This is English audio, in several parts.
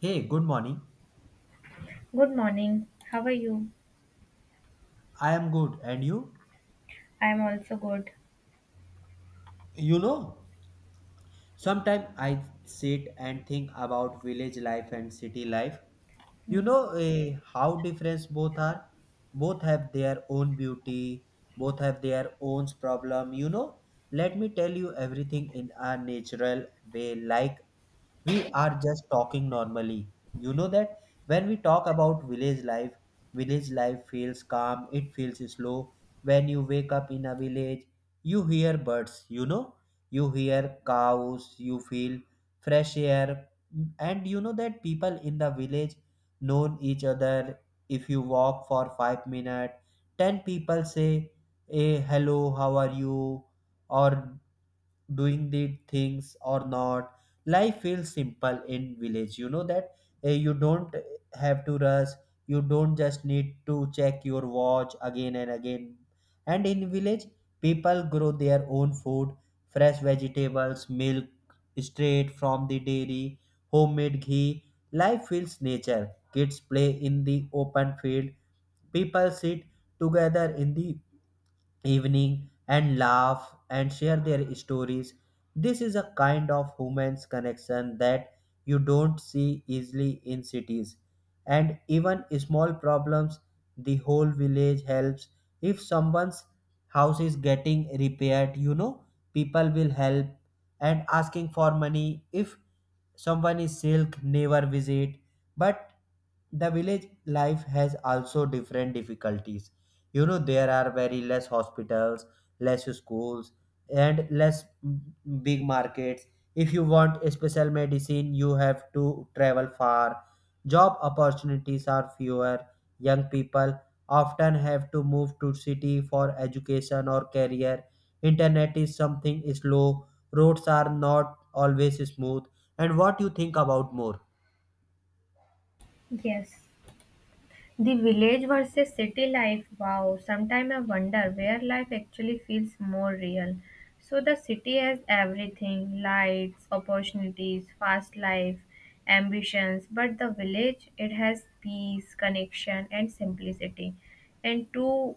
Hey, good morning. Good morning. How are you? I am good, and you? I'm also good. You know, sometimes I sit and think about village life and city life. You Mm. know how different both are. Both have their own beauty. Both have their own problem. You know, let me tell you everything in a natural way, like we are just talking normally. You know that when we talk about village life feels calm, it feels slow. When you wake up in a village, you hear birds, you know, you hear cows, you feel fresh air, and you know that people in the village know each other. If you walk for 5 minutes, ten people say, Hey, hello, how are you? Or doing the things or not, life feels simple in village. You know that you don't have to rush, you don't just need to check your watch again and again. And in village, people grow their own food, fresh vegetables, milk straight from the dairy, homemade ghee. Life feels nature. Kids play in the open field, people sit together in the evening and laugh and share their stories. This is a kind of human's connection that you don't see easily in cities. And even small problems, the whole village helps. If someone's house is getting repaired, you know, people will help and asking for money. If someone is silk never visit, but the village life has also different difficulties. You know, there are very less hospitals, less schools, and less big markets. If you want a special medicine, you have to travel far. Job opportunities are fewer, young people often have to move to city for education or career. Internet is something slow, roads are not always smooth, and what you think about more? Yes. The village versus city life. Wow. Sometimes I wonder where life actually feels more real. So the city has everything lights, opportunities, fast life, ambitions. But the village, it has peace, connection, and simplicity. And two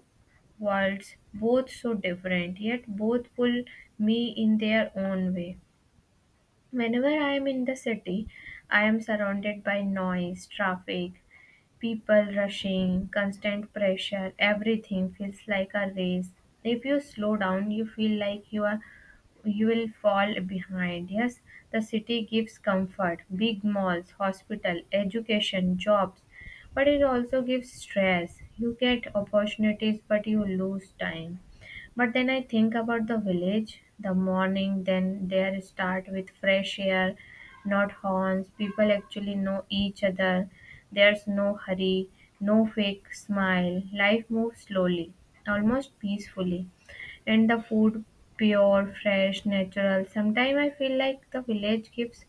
worlds, both so different, yet both pull me in their own way. Whenever I am in the city, I am surrounded by noise, traffic, people rushing, constant pressure, everything feels like a race. If you slow down, you feel like you will fall behind. Yes, the city gives comfort, big malls, hospital, education, jobs, but it also gives stress. You get opportunities, but you lose time. But then I think about the village, the morning, then there start with fresh air, not horns. People actually know each other. There's no hurry, no fake smile. Life moves slowly, almost peacefully. And the food pure, fresh, natural. Sometimes I feel like the village gives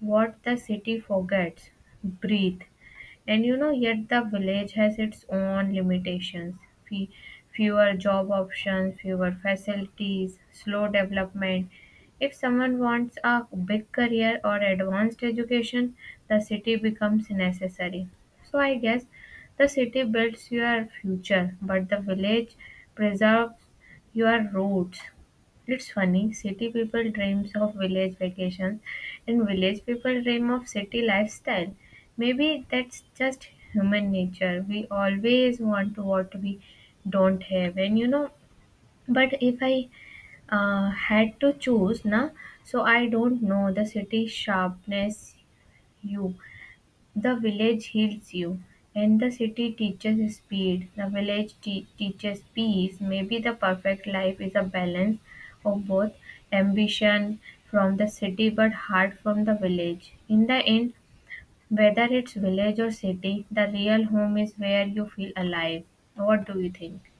what the city forgets. Breathe. And you know, yet the village has its own limitations. Fe- Fewer job options, fewer facilities, slow development, if someone wants a big career or advanced education, the city becomes necessary. So I guess the city builds your future, but the village preserves your roots. It's funny, city people dreams of village vacations and village people dream of city lifestyle. Maybe that's just human nature. We always want what we don't have. And you know, but if I had to choose na so I don't know the city sharpness you the village heals you, and the city teaches speed, the village teaches peace. Maybe the perfect life is a balance of both, ambition from the city but heart from the village. In the end, whether it's village or city, the real home is where you feel alive. What do you think?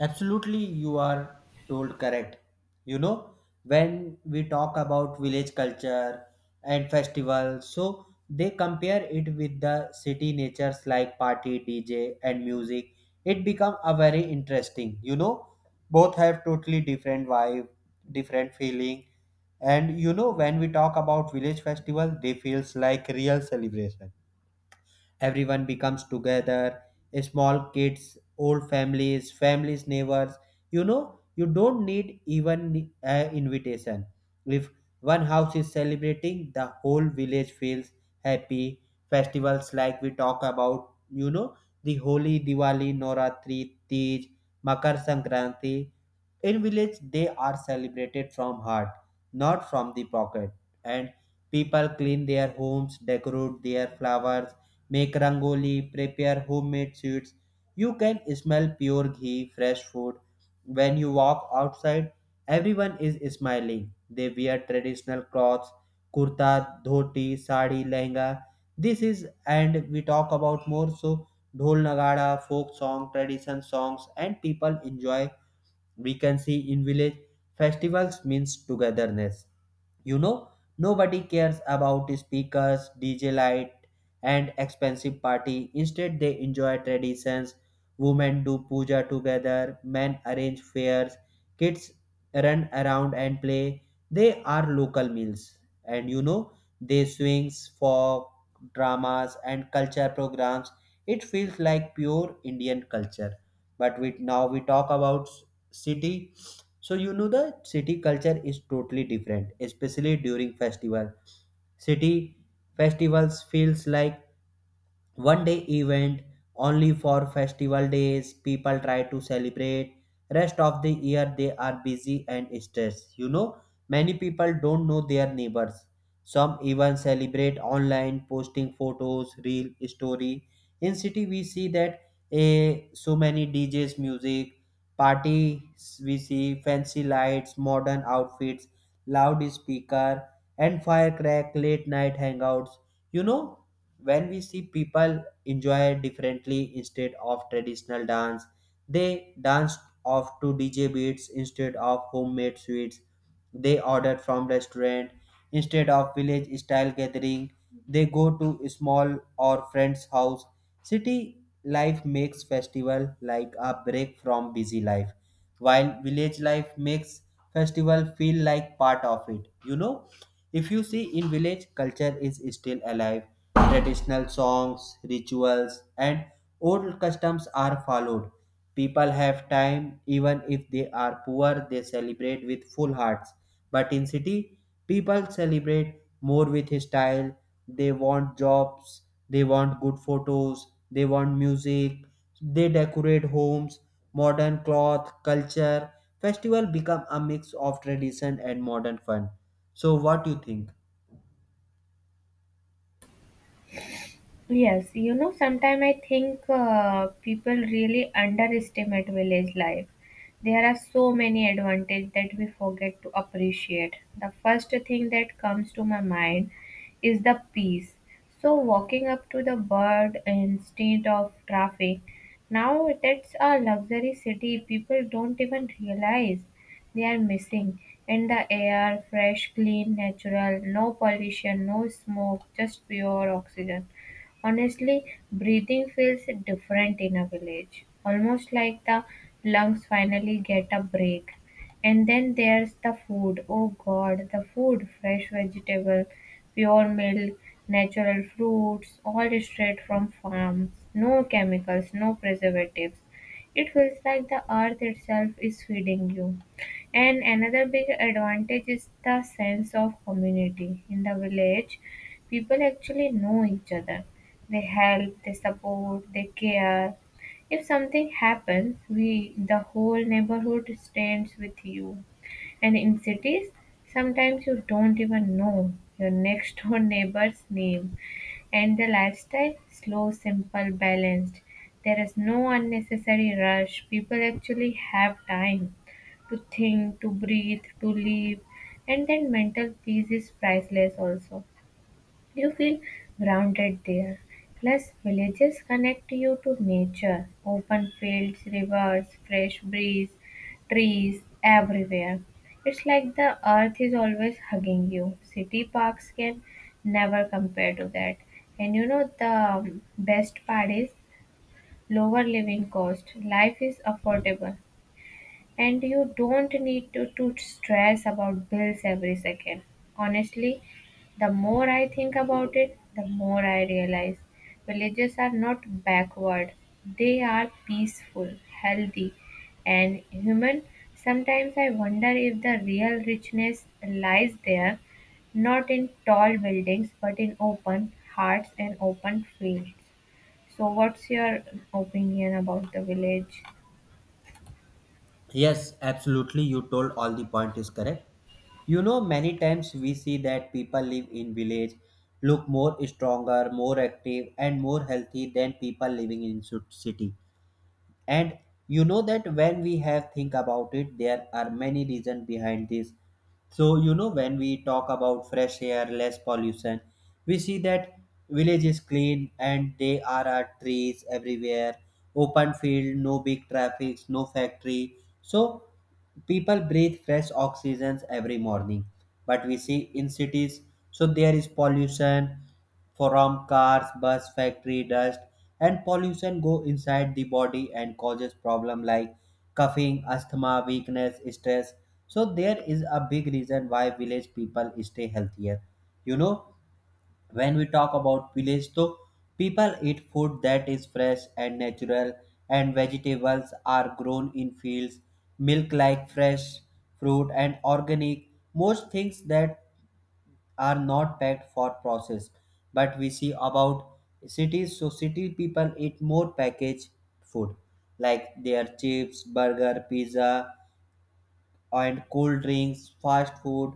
Absolutely, you are told correct. You know, when we talk about village culture and festivals, so they compare it with the city natures like party, DJ, and music. It become a very interesting. You know, both have totally different vibe, different feeling, and you know when we talk about village festival, they feels like real celebration. Everyone becomes together, small kids, old families, neighbors. You know, you don't need even invitation. If one house is celebrating, the whole village feels happy. Festivals like we talk about, you know, the holi, diwali, noratri, tej, makar sankranti, in village they are celebrated from heart, not from the pocket. And people clean their homes, decorate their flowers, make rangoli, prepare homemade sweets. You can smell pure ghee, fresh food. When you walk outside, everyone is smiling. They wear traditional clothes, kurta, dhoti, sari, lehenga. This is, and we talk about more, so dhol nagada, folk song, tradition songs, and people enjoy. We can see in village, festivals means togetherness. You know, nobody cares about speakers, DJ light, and expensive party. Instead, they enjoy traditions. Women do puja together, men arrange fairs, kids run around and play. They are local meals. And you know, they swings, folk, dramas, and culture programs. It feels like pure Indian culture. But now we talk about city. So you know the city culture is totally different, especially during festival. City festivals feels like 1-day event. Only for festival days people try to celebrate, rest of the year they are busy and stressed. You know, many people don't know their neighbors, some even celebrate online, posting photos, real story. In city we see that a so many djs, music, parties. We see fancy lights, modern outfits, loud speaker, and firecrack, late night hangouts. You know, when we see people enjoy differently, instead of traditional dance they dance off to dj beats, instead of homemade sweets they order from restaurant, instead of village style gathering they go to small or friend's house. City life makes festival like a break from busy life, while village life makes festival feel like part of it. You know, if you see, in village culture is still alive, traditional songs, rituals, and old customs are followed. People have time, even if they are poor they celebrate with full hearts. But in city, people celebrate more with style. They want jobs, they want good photos, they want music, they decorate homes, modern cloth, culture. Festival become a mix of tradition and modern fun. So what do you think? Yes, you know, sometimes I think people really underestimate village life. There are so many advantages that we forget to appreciate. The first thing that comes to my mind is the peace. So, walking up to the bird instead of traffic, now that's a luxury city people don't even realize they are missing. In the air, fresh, clean, natural, no pollution, no smoke, just pure oxygen. Honestly, breathing feels different in a village, almost like the lungs finally get a break. And then there's the food. Oh God, the food, fresh vegetable, pure milk, natural fruits, all straight from farms, no chemicals, no preservatives. It feels like the earth itself is feeding you. And another big advantage is the sense of community. In the village, people actually know each other, they help, they support, they care. If something happens, we the whole neighborhood stands with you. And in cities, sometimes you don't even know your next door neighbor's name. And the lifestyle, slow, simple, balanced. There is no unnecessary rush. People actually have time to think, to breathe, to live. And then mental peace is priceless also. You feel grounded there, plus villages connect you to nature. Open fields, rivers, fresh breeze, trees everywhere. It's like the earth is always hugging you. City parks can never compare to that. And you know the best part is lower living cost. Life is affordable. And you don't need to stress about bills every second. Honestly, the more I think about it, the more I realize villages are not backward. They are peaceful, healthy, and human. Sometimes I wonder if the real richness lies there, not in tall buildings, but in open hearts and open fields. So, what's your opinion about the village? Yes, absolutely. You told all the point is correct. You know, many times we see that people live in village look more stronger, more active, and more healthy than people living in city. And you know that when we have think about it, there are many reasons behind this. So you know, when we talk about fresh air, less pollution, we see that village is clean and there are trees everywhere, open field, no big traffic, no factory. So people breathe fresh oxygens every morning. But we see in cities, so there is pollution from cars, bus, factory, dust, and pollution go inside the body and causes problem like coughing, asthma, weakness, stress. So there is a big reason why village people stay healthier. You know, when we talk about village, though, people eat food that is fresh and natural, and vegetables are grown in fields, milk like fresh fruit and organic. Most things that are not packed for process. But we see about cities, so city people eat more packaged food like their chips, burger, pizza, and cold drinks, fast food,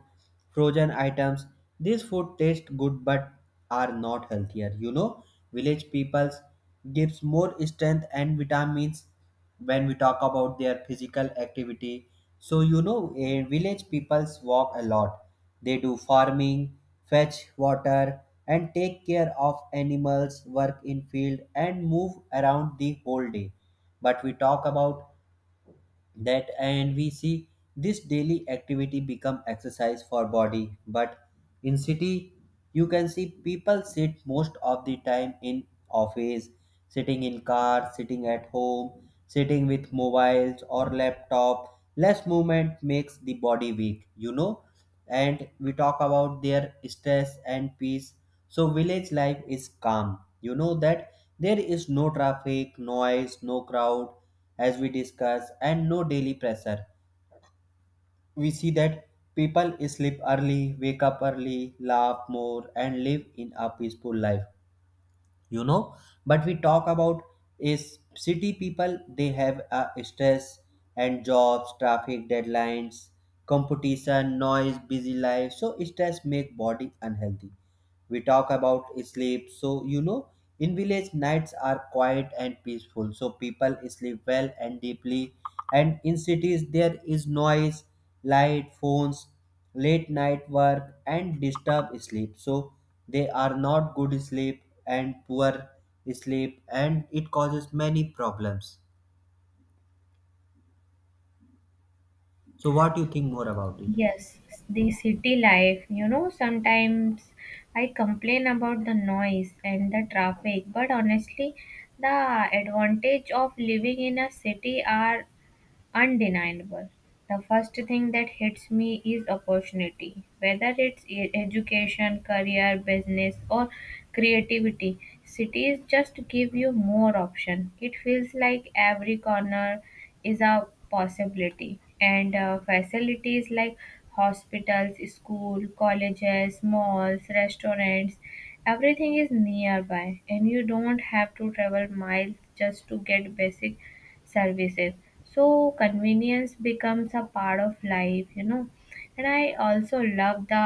frozen items. These food taste good but are not healthier. You know, village peoples gives more strength and vitamins when we talk about their physical activity. So you know, village peoples walk a lot. They do farming, fetch water, and take care of animals, work in field, and move around the whole day. But we talk about that and we see this daily activity become exercise for body. But in city, you can see people sit most of the time in office, sitting in car, sitting at home, sitting with mobiles or laptop. Less movement makes the body weak. You know, and we talk about their stress and peace, so village life is calm. You know that there is no traffic noise, no crowd, as we discuss, and no daily pressure. We see that people sleep early, wake up early, laugh more, and live in a peaceful life. You know, but we talk about is city people, they have a stress and jobs, traffic, deadlines, competition, noise, busy life. So stress make body unhealthy. We talk about sleep, so you know, in village nights are quiet and peaceful, so people sleep well and deeply. And in cities there is noise, light, phones, late night work, and disturb sleep, so they are not good sleep, and poor sleep, and it causes many problems. So what do you think more about it? Yes, the city life. You know, sometimes I complain about the noise and the traffic, but honestly, the advantage of living in a city are undeniable. The first thing that hits me is opportunity. Whether it's education, career, business, or creativity, cities just give you more option. It feels like every corner is a possibility, and facilities like hospitals, school, colleges, malls, restaurants, everything is nearby, and you don't have to travel miles just to get basic services, so convenience becomes a part of life. You know, and I also love the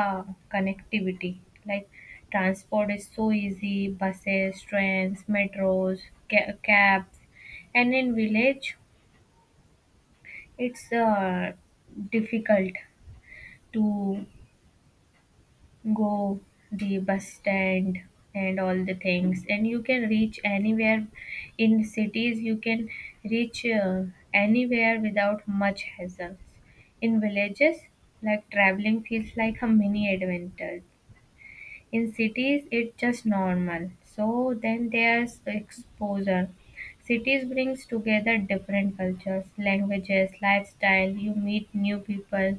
connectivity, like transport is so easy, buses, trains, metros, cabs. And in village, it's difficult to go the bus stand and all the things, and you can reach anywhere. In cities you can reach anywhere without much hassles. In villages, like traveling feels like a mini adventure. In cities it's just normal. So then there's exposure, cities brings together different cultures, languages, lifestyle. You meet new people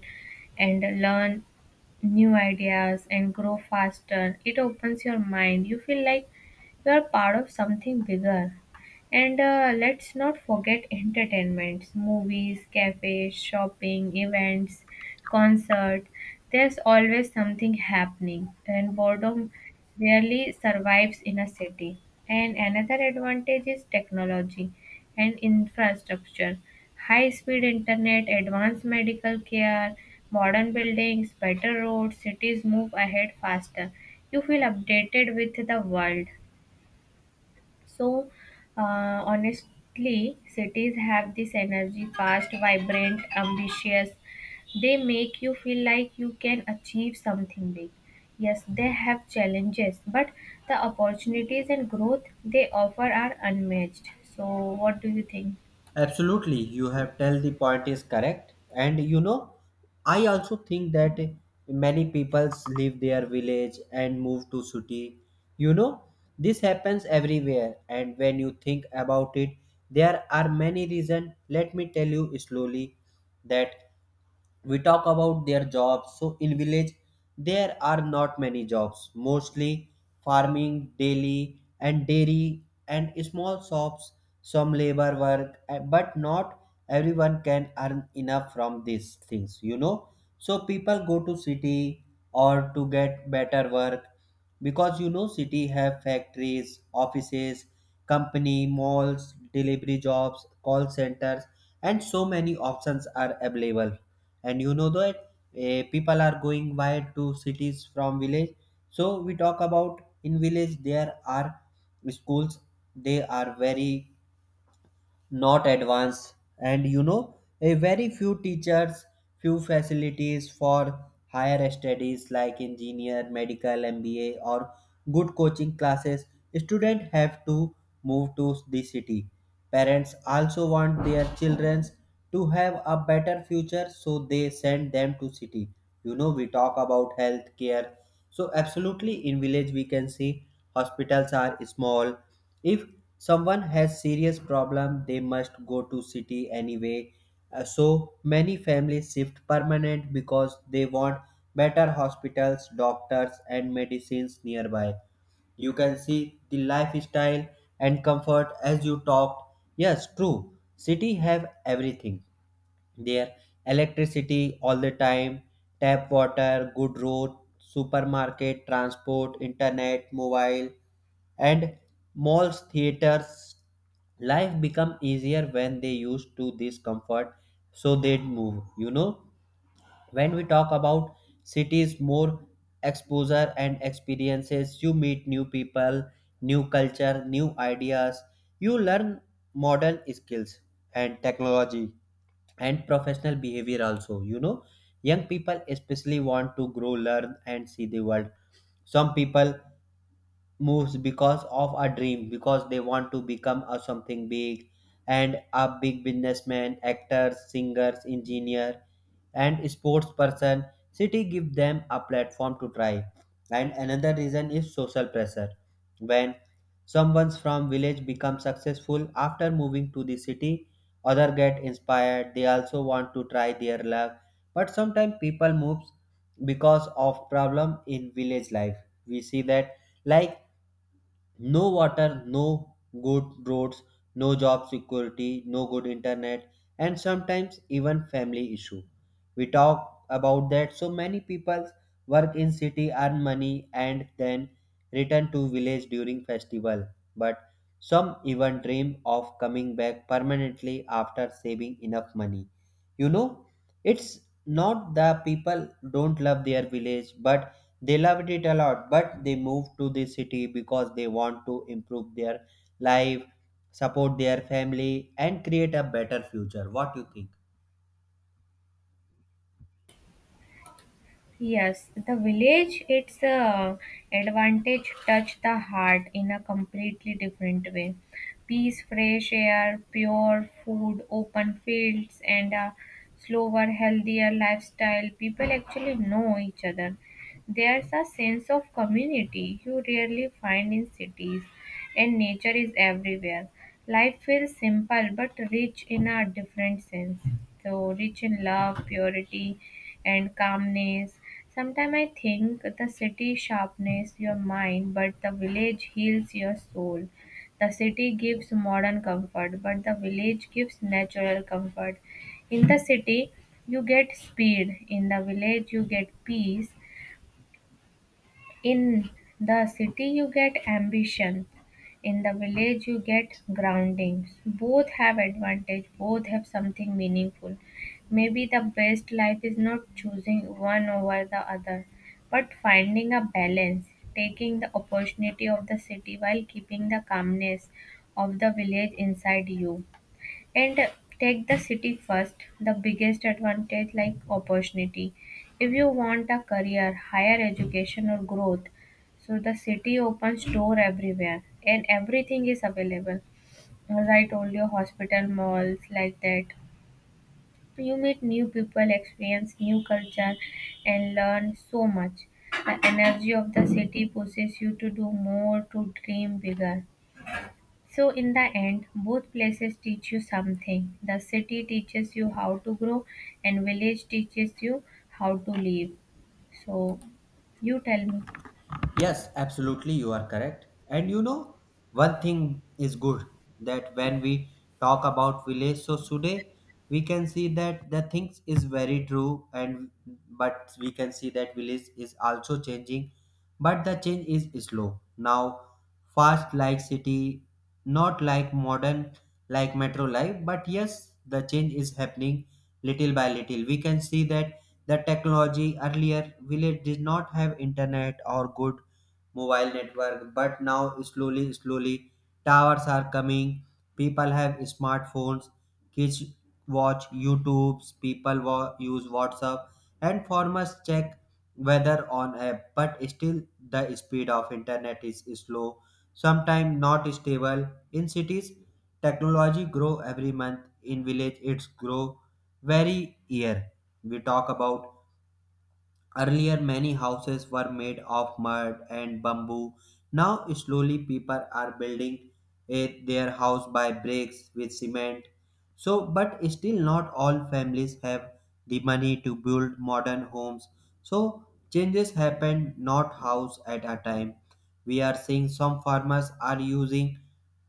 and learn new ideas and grow faster. It opens your mind, you feel like you are part of something bigger. And let's not forget entertainments, movies, cafes, shopping, events, concert. There's always something happening, and boredom rarely survives in a city. And another advantage is technology and infrastructure. High speed internet, advanced medical care, modern buildings, better roads, cities move ahead faster. You feel updated with the world. So, honestly, cities have this energy, fast, vibrant, ambitious. They make you feel like you can achieve something big. Yes, they have challenges, but the opportunities and growth they offer are unmatched. So, what do you think? Absolutely, you have tell the point is correct, and you know, I also think that many peoples leave their village and move to city. You know, this happens everywhere, and when you think about it, there are many reasons. Let me tell you slowly that we talk about their jobs. So in village there are not many jobs, mostly farming, daily and dairy and small shops, some labor work, but not everyone can earn enough from these things. You know, so people go to city or to get better work, because you know city have factories, offices, company, malls, delivery jobs, call centers, and so many options are available. And you know that, people are going wide to cities from village. So we talk about, in village there are schools, they are very not advanced, and you know a very few teachers, few facilities for higher studies like engineer, medical, mba, or good coaching classes. Students have to move to the city. Parents also want their children to have a better future, so they send them to city. You know, we talk about health care, so absolutely in village we can see hospitals are small. If someone has serious problem they must go to city anyway. So many families shift permanent because they want better hospitals, doctors, and medicines nearby. You can see the lifestyle and comfort, as you talked, yes, true. City have everything there, electricity all the time, tap water, good road, supermarket, transport, internet, mobile, and malls, theaters. Life become easier when they used to this comfort, so they'd move. You know, when we talk about cities, more exposure and experiences, you meet new people, new culture, new ideas, you learn modern skills and technology and professional behavior also. You know, young people especially want to grow, learn, and see the world. Some people moves because of a dream, because they want to become a something big, and a big businessman, actors, singers, engineer, and sports person. City give them a platform to try. And another reason is social pressure. When someone from village becomes successful after moving to the city, other get inspired, they also want to try their luck. But sometimes people moves because of problem in village life. We see that, like no water, no good roads, no job security, no good internet, and sometimes even family issue. We talk about that. So many people work in city, earn money, and then return to village during festival. But some even dream of coming back permanently after saving enough money. You know, it's not the people don't love their village, but they loved it a lot, but they moved to the city because they want to improve their life, support their family, and create a better future. What do you think? Yes, the village, its advantage touch the heart in a completely different way. Peace, fresh air, pure food, open fields, and a slower, healthier lifestyle. People actually know each other. There's a sense of community you rarely find in cities, and nature is everywhere. Life feels simple but rich in a different sense. So, rich in love, purity, and calmness. Sometimes I think the city sharpens your mind, but the village heals your soul. The city gives modern comfort, but the village gives natural comfort. In the city, you get speed. In the village, you get peace. In the city, you get ambition. In the village, you get grounding. Both have advantage. Both have something meaningful. Maybe the best life is not choosing one over the other, but finding a balance, taking the opportunity of the city while keeping the calmness of the village inside you. And take the city first, the biggest advantage like opportunity. If you want a career, higher education, or growth, so the city opens door everywhere and everything is available. As I told you, hospital, malls, like that. You meet new people, experience new culture, and learn so much. The energy of the city pushes you to do more, to dream bigger. So, in the end, both places teach you something. The city teaches you how to grow, and village teaches you how to live. So, you tell me. Yes, absolutely, you are correct. And you know, one thing is good, that when we talk about village, so today we can see that the things is very true, and but we can see that village is also changing, but the change is slow now, fast like city, not like modern, like metro life, but yes, the change is happening little by little. We can see that the technology, earlier village did not have internet or good mobile network, but now, slowly slowly, towers are coming, people have smartphones, kids watch youtubes, people use whatsapp, and farmers check weather on app. But still the speed of internet is slow, sometimes not stable. In cities technology grow every month, in village it's grow very year. We talk about, earlier many houses were made of mud and bamboo. Now, slowly, people are building their house by bricks with cement. So but still, not all families have the money to build modern homes. So changes happen not house at a time. We are seeing some farmers are using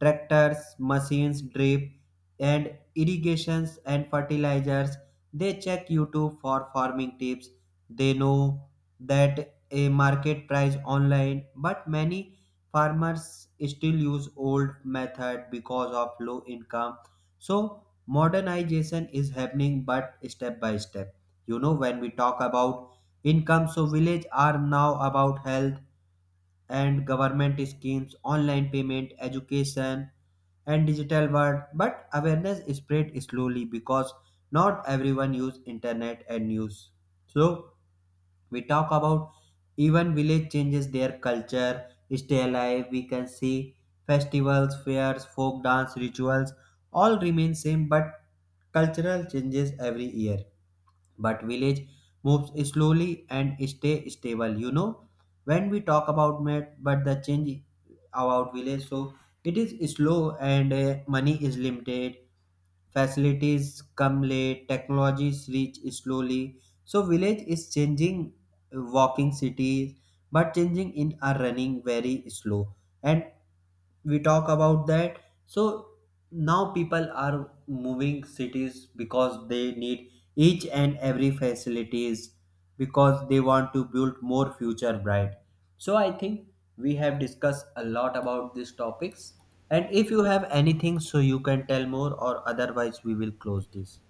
tractors, machines, drip, and irrigations and fertilizers. They check YouTube for farming tips, they know that a market price online, but many farmers still use old method because of low income. So modernization is happening but step by step. You know, when we talk about income, so village are now about health and government schemes, online payment, education, and digital world, but awareness spread slowly because not everyone use internet and news. So we talk about, even village changes, their culture stay alive. We can see festivals, fairs, folk dance, rituals, all remain same. But cultural changes every year, but village moves slowly and stay stable. You know, when we talk about met, but the change about village, so it is slow and money is limited, facilities come late, technologies reach slowly. So village is changing, walking cities, but changing in are running very slow. And we talk about that, so now people are moving cities because they need each and every facilities, because they want to build more future bright. So I think we have discussed a lot about these topics, and if you have anything so you can tell more or otherwise we will close this.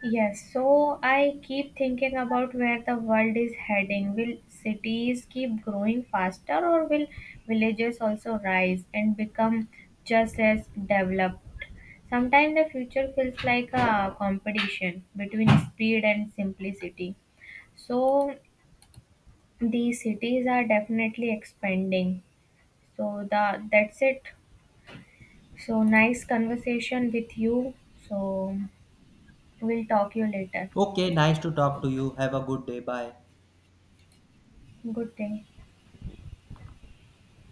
Yes, so I keep thinking about where the world is heading. Will cities keep growing faster or will villages also rise and become just as developed? Sometimes the future feels like a competition between speed and simplicity. So the cities are definitely expanding. So the that's it. So nice conversation with you. So we'll talk you later. Okay, nice to talk to you. Have a good day. Bye. Good day.